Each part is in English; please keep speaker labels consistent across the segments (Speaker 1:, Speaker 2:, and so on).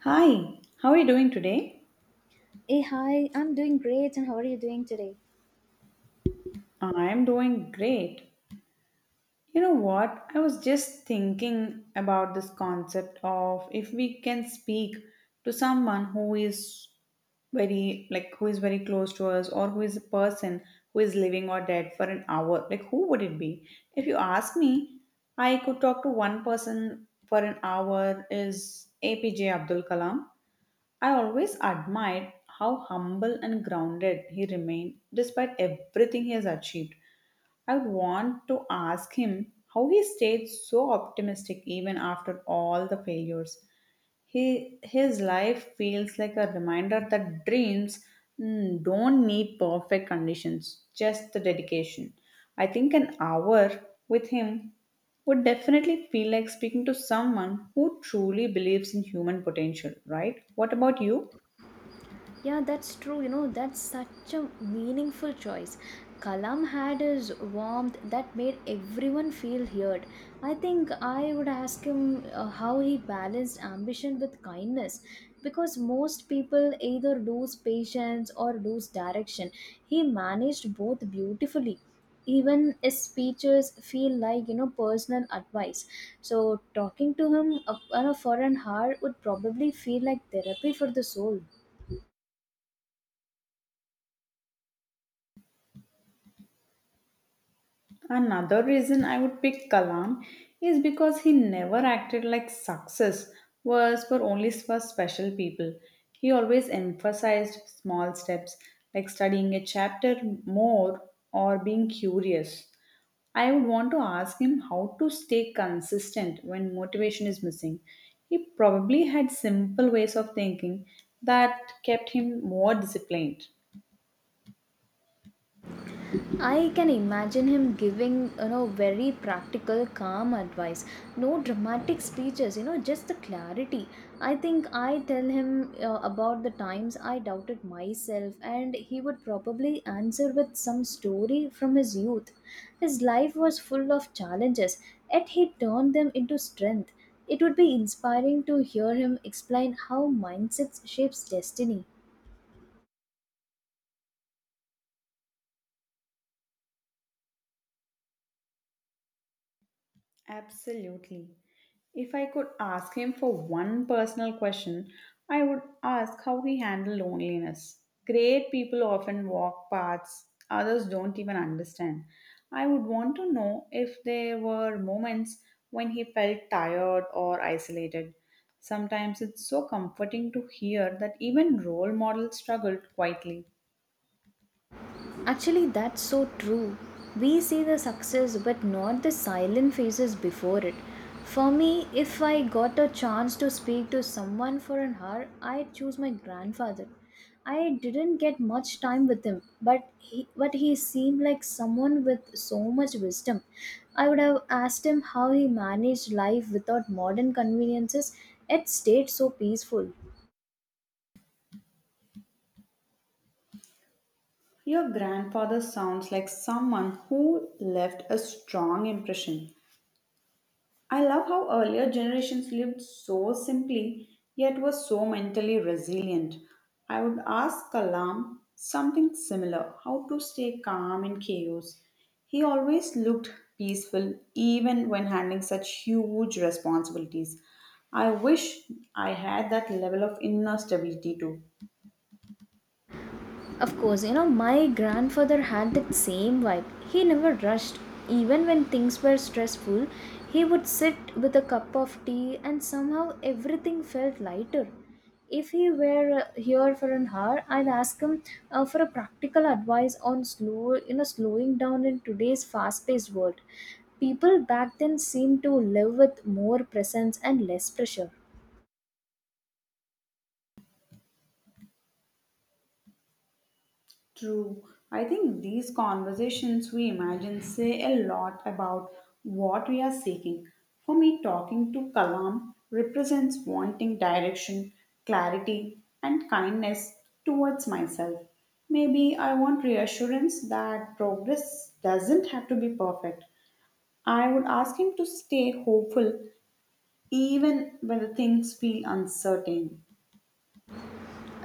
Speaker 1: Hi, how are you doing today?
Speaker 2: Hey, hi, I'm doing great, and how are you doing today?
Speaker 1: I'm doing great. You know what? I was just thinking about this concept of if we can speak to someone who is very close to us or who is a person who is living or dead for an hour, like who would it be? If you ask me, I could talk to one person for an hour is APJ Abdul Kalam. I always admired how humble and grounded he remained despite everything he has achieved. I would want to ask him how he stayed so optimistic even after all the failures. His life feels like a reminder that dreams don't need perfect conditions, just the dedication. I think an hour with him would definitely feel like speaking to someone who truly believes in human potential, right? What about you?
Speaker 2: Yeah, that's true. That's such a meaningful choice. Kalam had his warmth that made everyone feel heard. I think I would ask him how he balanced ambition with kindness because most people either lose patience or lose direction. He managed both beautifully. Even his speeches feel like personal advice. So, talking to him for an hour would probably feel like therapy for the soul.
Speaker 1: Another reason I would pick Kalam is because he never acted like success was for only for special people. He always emphasized small steps like studying a chapter more or being curious. I would want to ask him how to stay consistent when motivation is missing. He probably had simple ways of thinking that kept him more disciplined.
Speaker 2: I can imagine him giving, very practical, calm advice. No dramatic speeches, just the clarity. I think I tell him about the times I doubted myself, and he would probably answer with some story from his youth. His life was full of challenges, yet he turned them into strength. It would be inspiring to hear him explain how mindset shapes destiny.
Speaker 1: Absolutely. If I could ask him for one personal question, I would ask how he handled loneliness. Great people often walk paths others don't even understand. I would want to know if there were moments when he felt tired or isolated. Sometimes it's so comforting to hear that even role models struggled quietly.
Speaker 2: Actually, that's so true. We see the success but not the silent phases before it. For me, if I got a chance to speak to someone for an hour, I'd choose my grandfather. I didn't get much time with him, but he seemed like someone with so much wisdom. I would have asked him how he managed life without modern conveniences, yet stayed so peaceful.
Speaker 1: Your grandfather sounds like someone who left a strong impression. I love how earlier generations lived so simply yet were so mentally resilient. I would ask Kalam something similar how to stay calm in chaos. He always looked peaceful even when handling such huge responsibilities. I wish I had that level of inner stability too.
Speaker 2: Of course, my grandfather had that same vibe. He never rushed. Even when things were stressful, he would sit with a cup of tea and somehow everything felt lighter. If he were here for an hour, I'd ask him for a practical advice on slowing down in today's fast-paced world. People back then seemed to live with more presence and less pressure.
Speaker 1: True. I think these conversations we imagine say a lot about what we are seeking. For me, talking to Kalam represents wanting direction, clarity, and kindness towards myself. Maybe I want reassurance that progress doesn't have to be perfect. I would ask him to stay hopeful even when the things feel uncertain.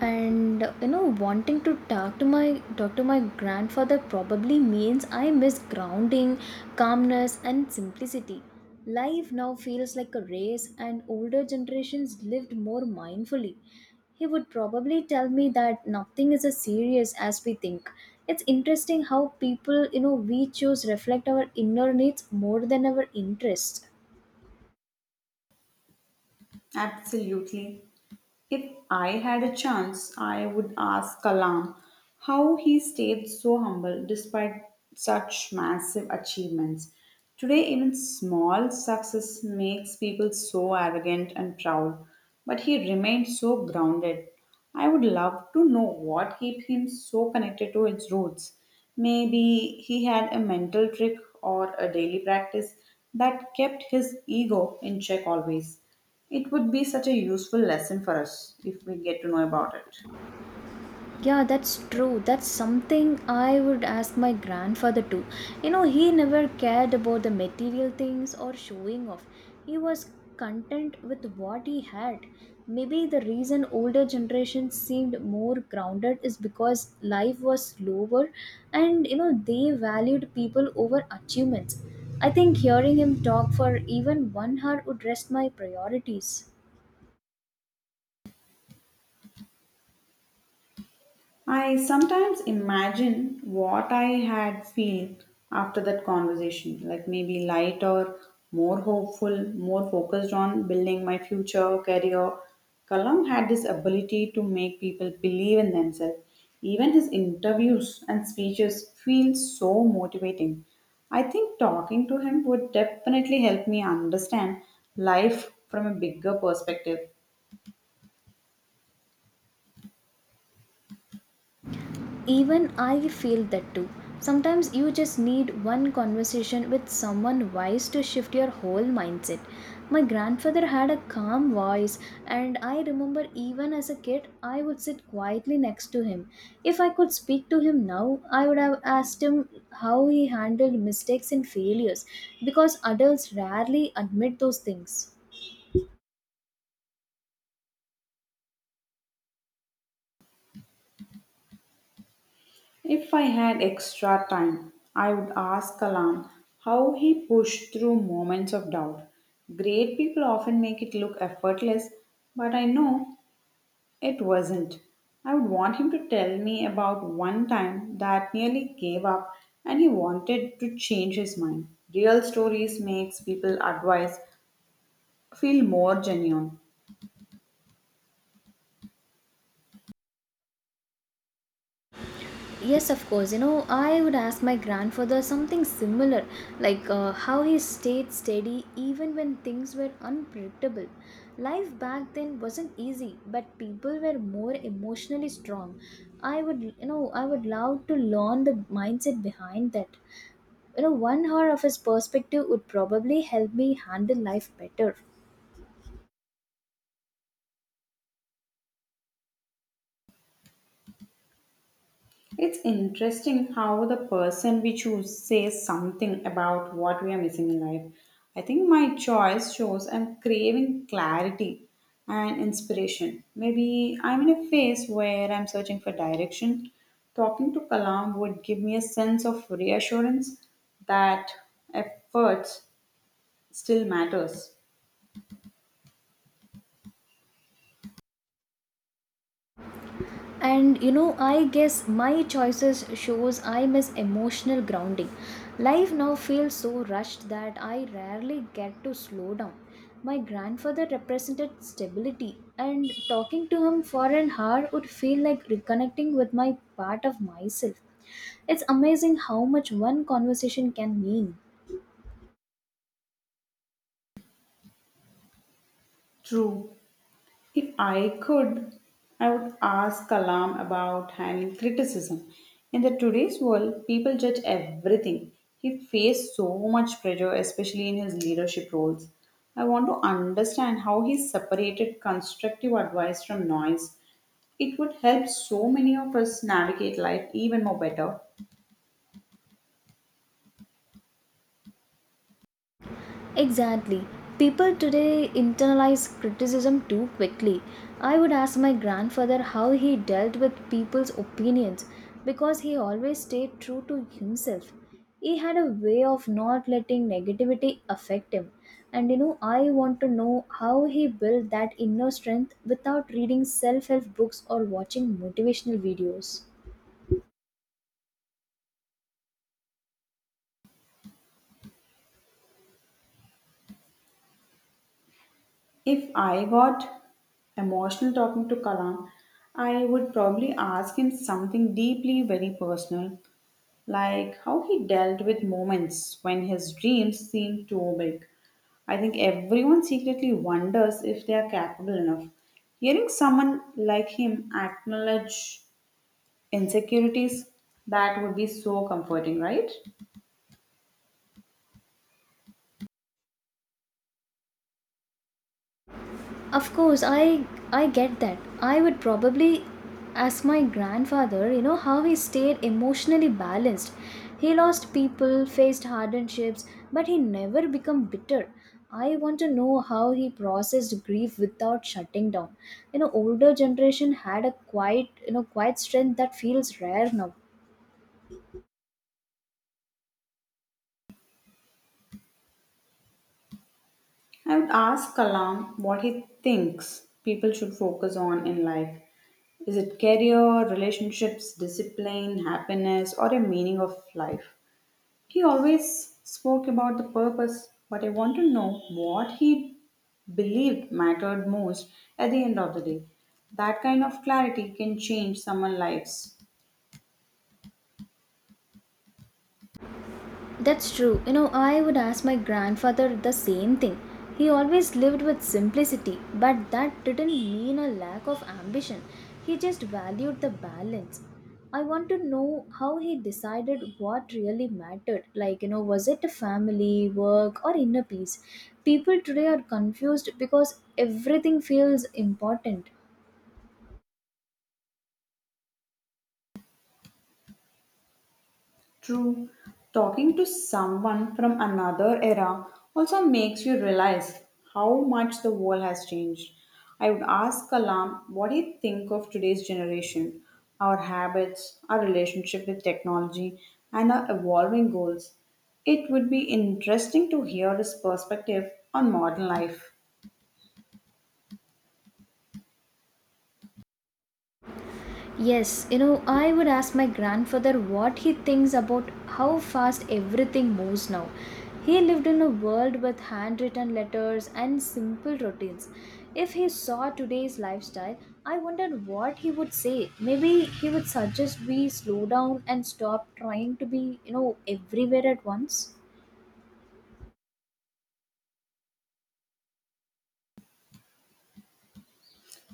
Speaker 2: And wanting to talk to my grandfather probably means I miss grounding, calmness, and simplicity. Life now feels like a race, and older generations lived more mindfully. He would probably tell me that nothing is as serious as we think. It's interesting how people we choose reflect our inner needs more than our interests.
Speaker 1: Absolutely. If I had a chance, I would ask Kalam how he stayed so humble despite such massive achievements. Today, even small success makes people so arrogant and proud, but he remained so grounded. I would love to know what kept him so connected to his roots. Maybe he had a mental trick or a daily practice that kept his ego in check always. It would be such a useful lesson for us if we get to know about it.
Speaker 2: Yeah, that's true. That's something I would ask my grandfather too. He never cared about the material things or showing off. He was content with what he had. Maybe the reason older generations seemed more grounded is because life was slower and they valued people over achievements. I think hearing him talk for even one hour would rest my priorities.
Speaker 1: I sometimes imagine what I had felt after that conversation, like maybe lighter, more hopeful, more focused on building my future career. Kalam had this ability to make people believe in themselves. Even his interviews and speeches feel so motivating. I think talking to him would definitely help me understand life from a bigger perspective.
Speaker 2: Even I feel that too. Sometimes you just need one conversation with someone wise to shift your whole mindset. My grandfather had a calm voice, and I remember even as a kid, I would sit quietly next to him. If I could speak to him now, I would have asked him how he handled mistakes and failures because adults rarely admit those things.
Speaker 1: If I had extra time, I would ask Kalam how he pushed through moments of doubt. Great people often make it look effortless, but I know it wasn't. I would want him to tell me about one time that nearly gave up and he wanted to change his mind. Real stories makes people advice feel more genuine.
Speaker 2: Yes, of course. I would ask my grandfather something similar, like how he stayed steady even when things were unpredictable. Life back then wasn't easy, but people were more emotionally strong. I would love to learn the mindset behind that. One hour of his perspective would probably help me handle life better.
Speaker 1: It's interesting how the person we choose says something about what we are missing in life. I think my choice shows I'm craving clarity and inspiration. Maybe I'm in a phase where I'm searching for direction. Talking to Kalam would give me a sense of reassurance that effort still matters.
Speaker 2: And I guess my choices shows I miss emotional grounding. Life now feels so rushed that I rarely get to slow down. My grandfather represented stability, and talking to him for an hour would feel like reconnecting with my part of myself. It's amazing how much one conversation can mean.
Speaker 1: True. If I could, I would ask Kalam about handling criticism. In the today's world, people judge everything. He faced so much pressure, especially in his leadership roles. I want to understand how he separated constructive advice from noise. It would help so many of us navigate life even more better.
Speaker 2: Exactly. People today internalize criticism too quickly. I would ask my grandfather how he dealt with people's opinions because he always stayed true to himself. He had a way of not letting negativity affect him. And I want to know how he built that inner strength without reading self help books or watching motivational videos.
Speaker 1: If I got emotional talking to Kalam, I would probably ask him something deeply very personal, like how he dealt with moments when his dreams seemed too big. I think everyone secretly wonders if they are capable enough. Hearing someone like him acknowledge insecurities, that would be so comforting, right?
Speaker 2: Of course, I get that. I would probably ask my grandfather, how he stayed emotionally balanced. He lost people, faced hardships, but he never became bitter. I want to know how he processed grief without shutting down. Older generation had a quiet strength that feels rare now.
Speaker 1: I would ask Kalam what he thinks people should focus on in life. Is it career, relationships, discipline, happiness, or a meaning of life? He always spoke about the purpose, but I want to know what he believed mattered most at the end of the day. That kind of clarity can change someone's lives.
Speaker 2: That's true. I would ask my grandfather the same thing. He always lived with simplicity, but that didn't mean a lack of ambition. He just valued the balance. I want to know how he decided what really mattered. Like, was it a family, work, or inner peace? People today are confused because everything feels important.
Speaker 1: True. Talking to someone from another era also makes you realize how much the world has changed. I would ask Kalam, what do you think of today's generation, our habits, our relationship with technology, and our evolving goals? It would be interesting to hear his perspective on modern life.
Speaker 2: Yes, I would ask my grandfather what he thinks about how fast everything moves now. He lived in a world with handwritten letters and simple routines. If he saw today's lifestyle, I wondered what he would say. Maybe he would suggest we slow down and stop trying to be, everywhere at once.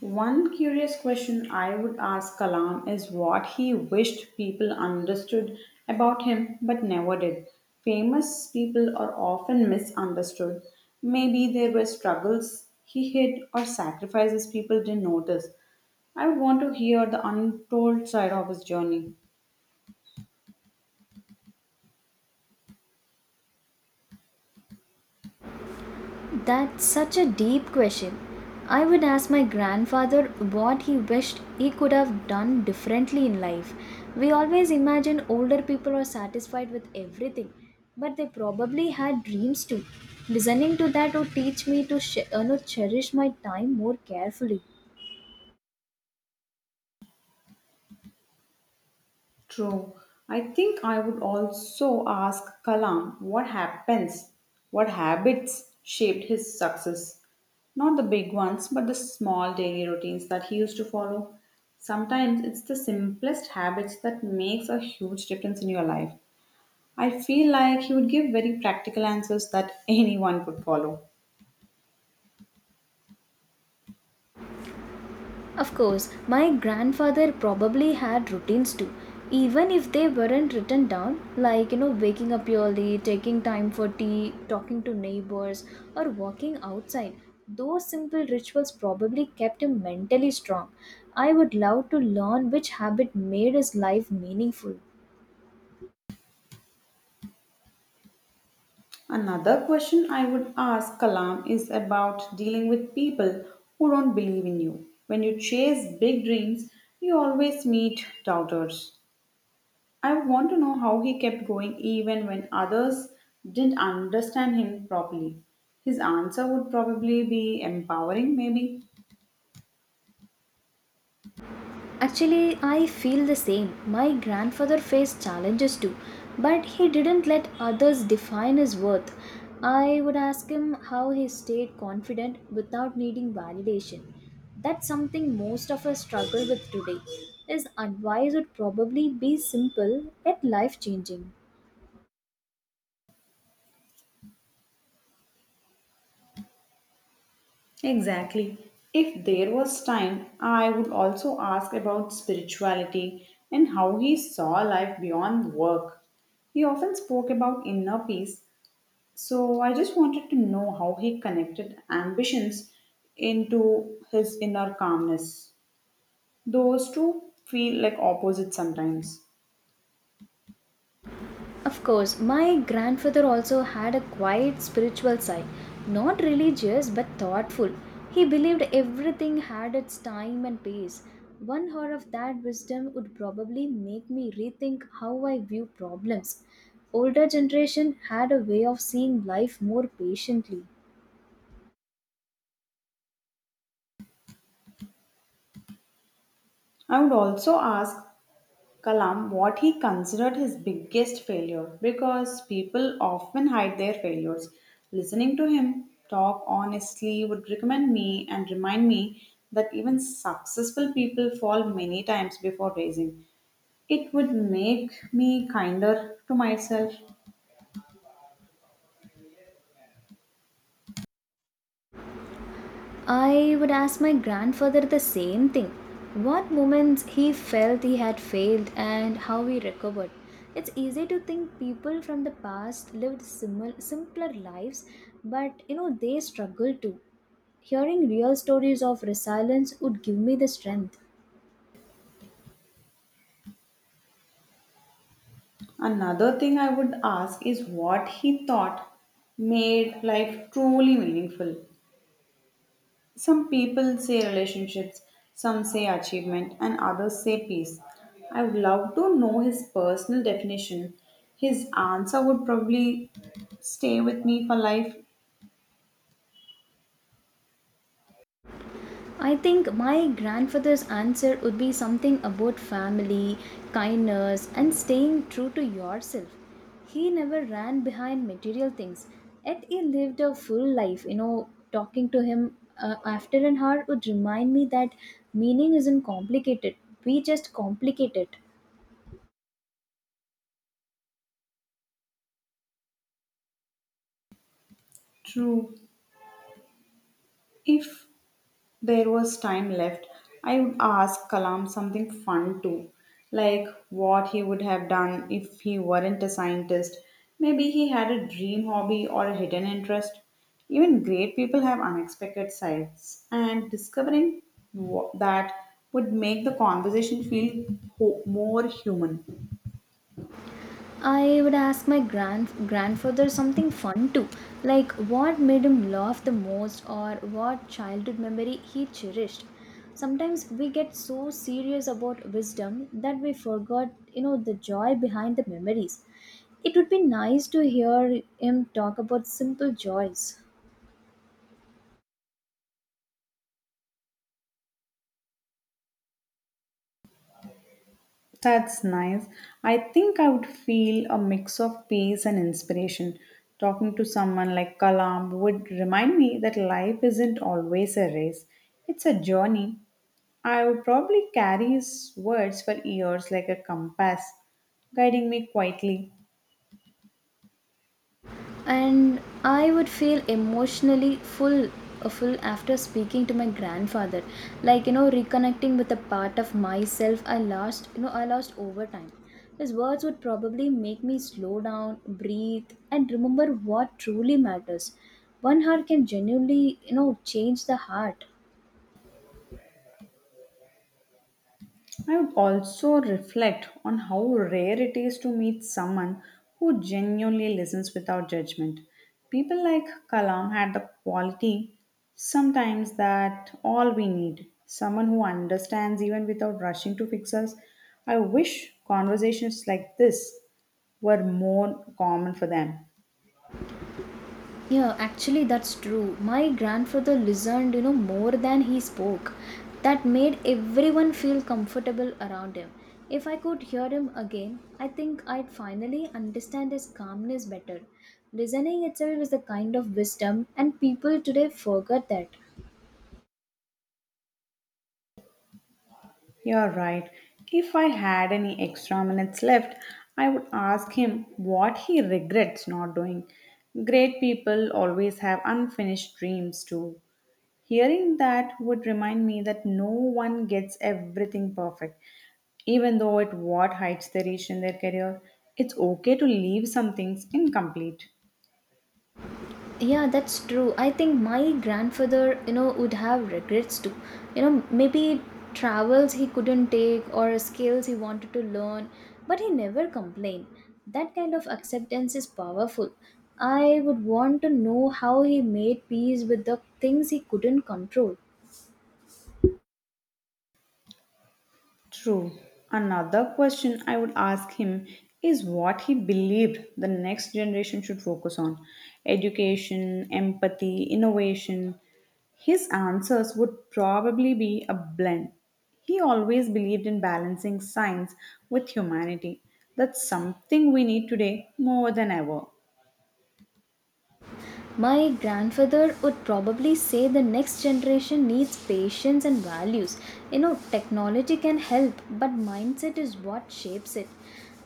Speaker 1: One curious question I would ask Kalam is what he wished people understood about him but never did. Famous people are often misunderstood. Maybe there were struggles he hid or sacrifices people didn't notice. I want to hear the untold side of his journey.
Speaker 2: That's such a deep question. I would ask my grandfather what he wished he could have done differently in life. We always imagine older people are satisfied with everything, but they probably had dreams too. Listening to that would teach me to sh- no, cherish my time more carefully.
Speaker 1: True. I think I would also ask Kalam what habits shaped his success. Not the big ones, but the small daily routines that he used to follow. Sometimes it's the simplest habits that makes a huge difference in your life. I feel like he would give very practical answers that anyone could follow.
Speaker 2: Of course, my grandfather probably had routines too, even if they weren't written down, like waking up early, taking time for tea, talking to neighbors, or walking outside. Those simple rituals probably kept him mentally strong. I would love to learn which habit made his life meaningful.
Speaker 1: Another question I would ask Kalam is about dealing with people who don't believe in you. When you chase big dreams, you always meet doubters. I would want to know how he kept going even when others didn't understand him properly. His answer would probably be empowering, maybe.
Speaker 2: Actually, I feel the same. My grandfather faced challenges too, but he didn't let others define his worth. I would ask him how he stayed confident without needing validation. That's something most of us struggle with today. His advice would probably be simple yet life changing.
Speaker 1: Exactly. If there was time, I would also ask about spirituality and how he saw life beyond work. He often spoke about inner peace, so I just wanted to know how he connected ambitions into his inner calmness. Those two feel like opposites sometimes.
Speaker 2: Of course, my grandfather also had a quiet spiritual side, not religious but thoughtful. He believed everything had its time and pace. One hour of that wisdom would probably make me rethink how I view problems. Older generation had a way of seeing life more patiently.
Speaker 1: I would also ask Kalam what he considered his biggest failure because people often hide their failures. Listening to him talk honestly would recommend me and remind me that even successful people fall many times before raising. It would make me kinder to myself.
Speaker 2: I would ask my grandfather the same thing, what moments he felt he had failed and how he recovered. It's easy to think people from the past lived simpler lives, but they struggled too. Hearing real stories of resilience would give me the strength.
Speaker 1: Another thing I would ask is what he thought made life truly meaningful. Some people say relationships, some say achievement, and others say peace. I would love to know his personal definition. His answer would probably stay with me for life.
Speaker 2: I think my grandfather's answer would be something about family, kindness, and staying true to yourself. He never ran behind material things, yet he lived a full life. Talking to him after an hour would remind me that meaning isn't complicated, we just complicate it.
Speaker 1: True. If there was time left, I would ask Kalam something fun too, like what he would have done if he weren't a scientist. Maybe he had a dream hobby or a hidden interest. Even great people have unexpected sides, and discovering that would make the conversation feel more human.
Speaker 2: I would ask my grandfather something fun too, like what made him laugh the most or what childhood memory he cherished. Sometimes we get so serious about wisdom that we forgot, the joy behind the memories. It would be nice to hear him talk about simple joys.
Speaker 1: That's nice. I think I would feel a mix of peace and inspiration. Talking to someone like Kalam would remind me that life isn't always a race, it's a journey. I would probably carry his words for years like a compass, guiding me quietly.
Speaker 2: And I would feel emotionally full after speaking to my grandfather, like reconnecting with a part of myself I lost over time. His words would probably make me slow down, breathe, and remember what truly matters. One heart can genuinely change the heart.
Speaker 1: I would also reflect on how rare it is to meet someone who genuinely listens without judgment. People like Kalam had the quality sometimes that all we need someone who understands even without rushing to fix us. I wish conversations like this were more common for them.
Speaker 2: Yeah, actually, that's true. My grandfather listened, more than he spoke. That made everyone feel comfortable around him. If I could hear him again, I think I'd finally understand his calmness better. Listening itself is a kind of wisdom, and people today forget that.
Speaker 1: You're right. If I had any extra minutes left, I would ask him what he regrets not doing. Great people always have unfinished dreams, too. Hearing that would remind me that no one gets everything perfect, even though at what heights they reach in their career. It's okay to leave some things incomplete.
Speaker 2: Yeah, that's true. I think my grandfather, would have regrets too. Maybe travels he couldn't take or skills he wanted to learn, but he never complained. That kind of acceptance is powerful. I would want to know how he made peace with the things he couldn't control.
Speaker 1: True. Another question I would ask him is what he believed the next generation should focus on education, empathy, innovation. His answers would probably be a blend. He always believed in balancing science with humanity. That's something we need today more than ever.
Speaker 2: My grandfather would probably say the next generation needs patience and values. Technology can help, but mindset is what shapes it.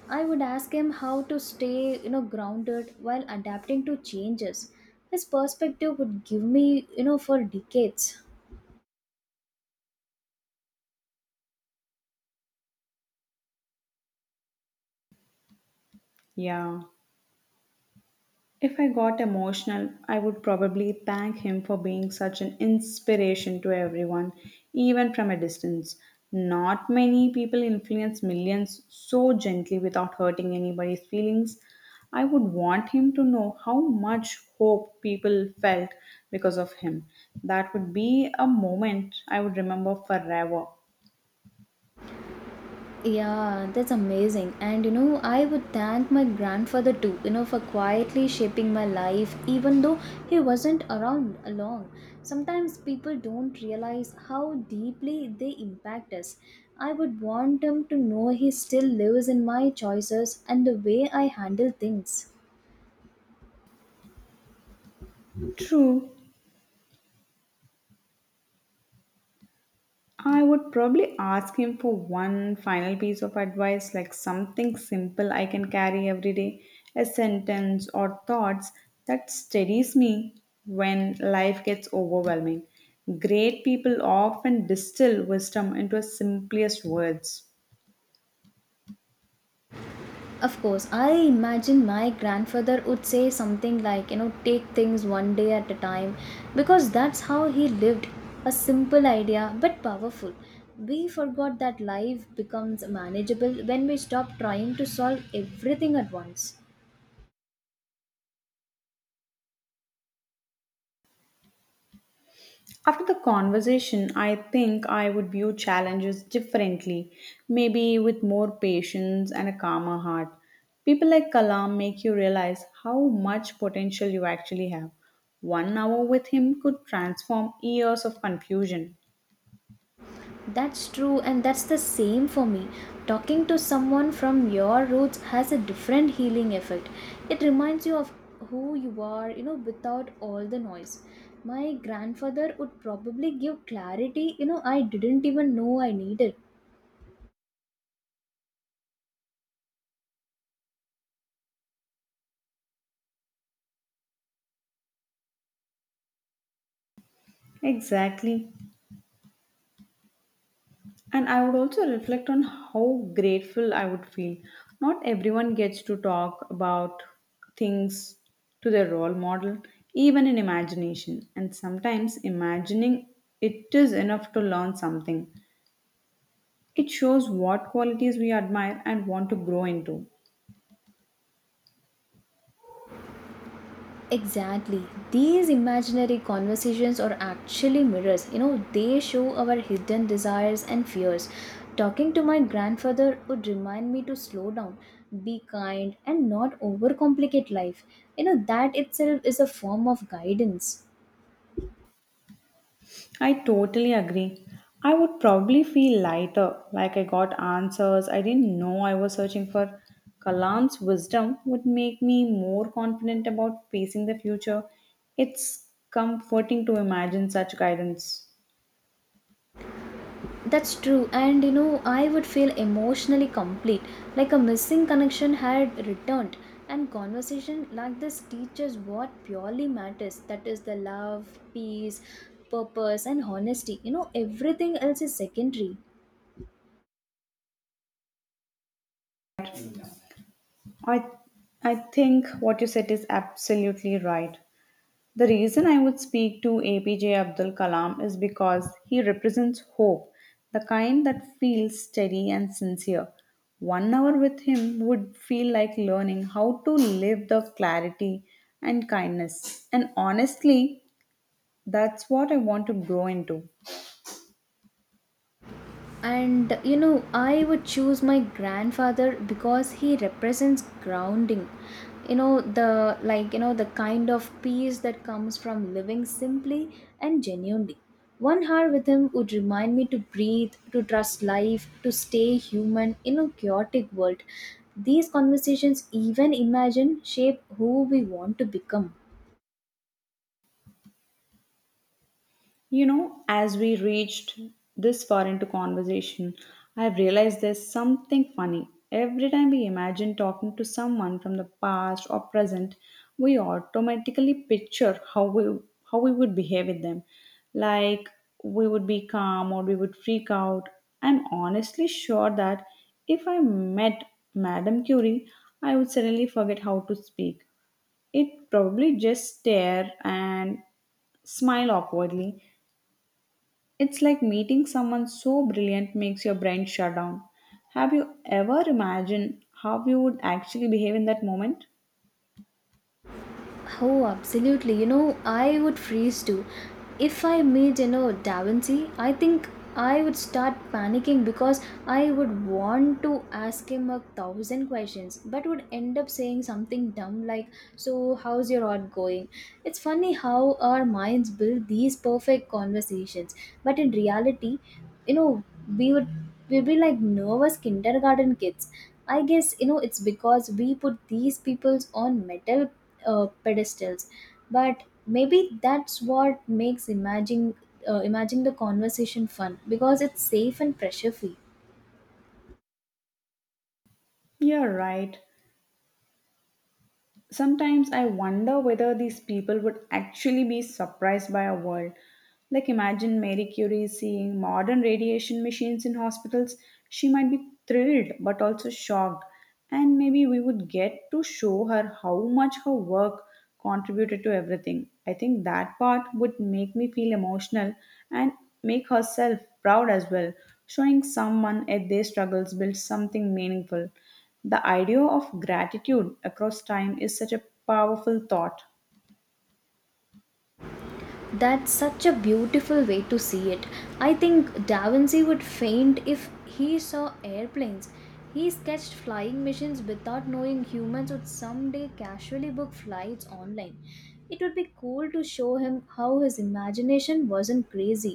Speaker 2: I would ask him how to stay, grounded while adapting to changes. His perspective would give me, for decades.
Speaker 1: Yeah. If I got emotional, I would probably thank him for being such an inspiration to everyone, even from a distance. Not many people influence millions so gently without hurting anybody's feelings. I would want him to know how much hope people felt because of him. That would be a moment I would remember forever.
Speaker 2: Yeah, that's amazing. And I would thank my grandfather too, for quietly shaping my life, even though he wasn't around long. Sometimes people don't realize how deeply they impact us. I would want him to know he still lives in my choices and the way I handle things.
Speaker 1: True, I would probably ask him for one final piece of advice, like something simple I can carry every day, a sentence or thoughts that steadies me when life gets overwhelming. Great people often distill wisdom into its simplest words.
Speaker 2: Of course, I imagine my grandfather would say something like, take things one day at a time because that's how he lived. A simple idea but powerful. We forgot that life becomes manageable when we stop trying to solve everything at once.
Speaker 1: After the conversation, I think I would view challenges differently, maybe with more patience and a calmer heart. People like Kalam make you realize how much potential you actually have. 1 hour with him could transform years of confusion.
Speaker 2: That's true, and that's the same for me. Talking to someone from your roots has a different healing effect. It reminds you of who you are, without all the noise. My grandfather would probably give clarity, I didn't even know I needed.
Speaker 1: Exactly. And I would also reflect on how grateful I would feel. Not everyone gets to talk about things to their role model, even in imagination. And sometimes imagining it is enough to learn something. It shows what qualities we admire and want to grow into.
Speaker 2: Exactly. These imaginary conversations are actually mirrors. They show our hidden desires and fears. Talking to my grandfather would remind me to slow down, be kind, and not overcomplicate life. That itself is a form of guidance.
Speaker 1: I totally agree. I would probably feel lighter, like I got answers I didn't know I was searching for. Kalam's wisdom would make me more confident about facing the future. It's comforting to imagine such guidance.
Speaker 2: That's true, and I would feel emotionally complete, like a missing connection had returned. And conversation like this teaches what purely matters, that is, the love, peace, purpose, and honesty. Everything else is secondary.
Speaker 1: I, I think what you said is absolutely right. The reason I would speak to APJ Abdul Kalam is because he represents hope, the kind that feels steady and sincere. 1 hour with him would feel like learning how to live the clarity and kindness. And honestly, that's what I want to grow into.
Speaker 2: And I would choose my grandfather because he represents grounding. The, like, the kind of peace that comes from living simply and genuinely. One hour with him would remind me to breathe, to trust life, to stay human in a chaotic world. These conversations, even imagine, shape who we want to become.
Speaker 1: You know, as we reached this far into conversation, I've realized there's something funny. Every time we imagine talking to someone from the past or present, we automatically picture how we would behave with them. Like we would be calm or we would freak out. I'm honestly sure that if I met Madame Curie, I would suddenly forget how to speak. It probably just stare and smile awkwardly. It's like meeting someone so brilliant makes your brain shut down. Have you ever imagined how you would actually behave in that moment?
Speaker 2: Oh, absolutely. I would freeze too. If I meet, Da Vinci, I think I would start panicking because I would want to ask him a thousand questions, but would end up saying something dumb like, so, how's your art going? It's funny how our minds build these perfect conversations, but in reality, you know, we would we'd be like nervous kindergarten kids. I guess, it's because we put these peoples on metal pedestals, but maybe that's what makes imagining the conversation fun because it's safe and pressure free.
Speaker 1: You're right. Sometimes I wonder whether these people would actually be surprised by our world. Like, imagine Marie Curie seeing modern radiation machines in hospitals. She might be thrilled but also shocked. And maybe we would get to show her how much her work contributed to everything. I think that part would make me feel emotional and make herself proud as well. Showing someone at their struggles builds something meaningful. The idea of gratitude across time is such a powerful thought.
Speaker 2: That's such a beautiful way to see it. I think Da Vinci would faint if he saw airplanes. He sketched flying missions without knowing humans would someday casually book flights online. It would be cool to show him how his imagination wasn't crazy,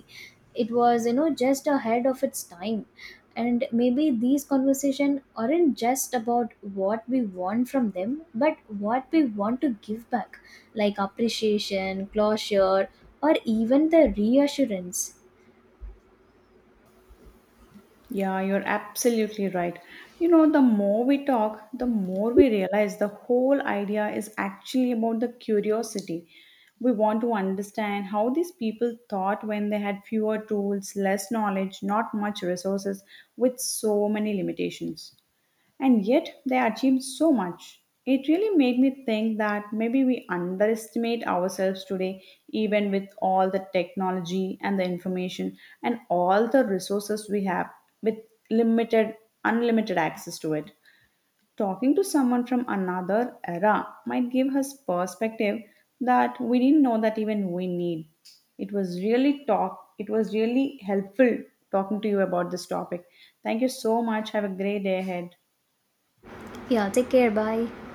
Speaker 2: it was just ahead of its time. And maybe these conversation aren't just about what we want from them, but what we want to give back, like appreciation, closure, or even the reassurance.
Speaker 1: Yeah, you're absolutely right. You know, the more we talk, the more we realize the whole idea is actually about the curiosity. We want to understand how these people thought when they had fewer tools, less knowledge, not much resources, with so many limitations. And yet they achieved so much. It really made me think that maybe we underestimate ourselves today, even with all the technology and the information and all the resources we have with limited, unlimited access to it. Talking to someone from another era might give us perspective that we didn't know that even we need. It was really helpful talking to you about this topic. Thank you so much. Have a great day ahead.
Speaker 2: Yeah, take care. Bye.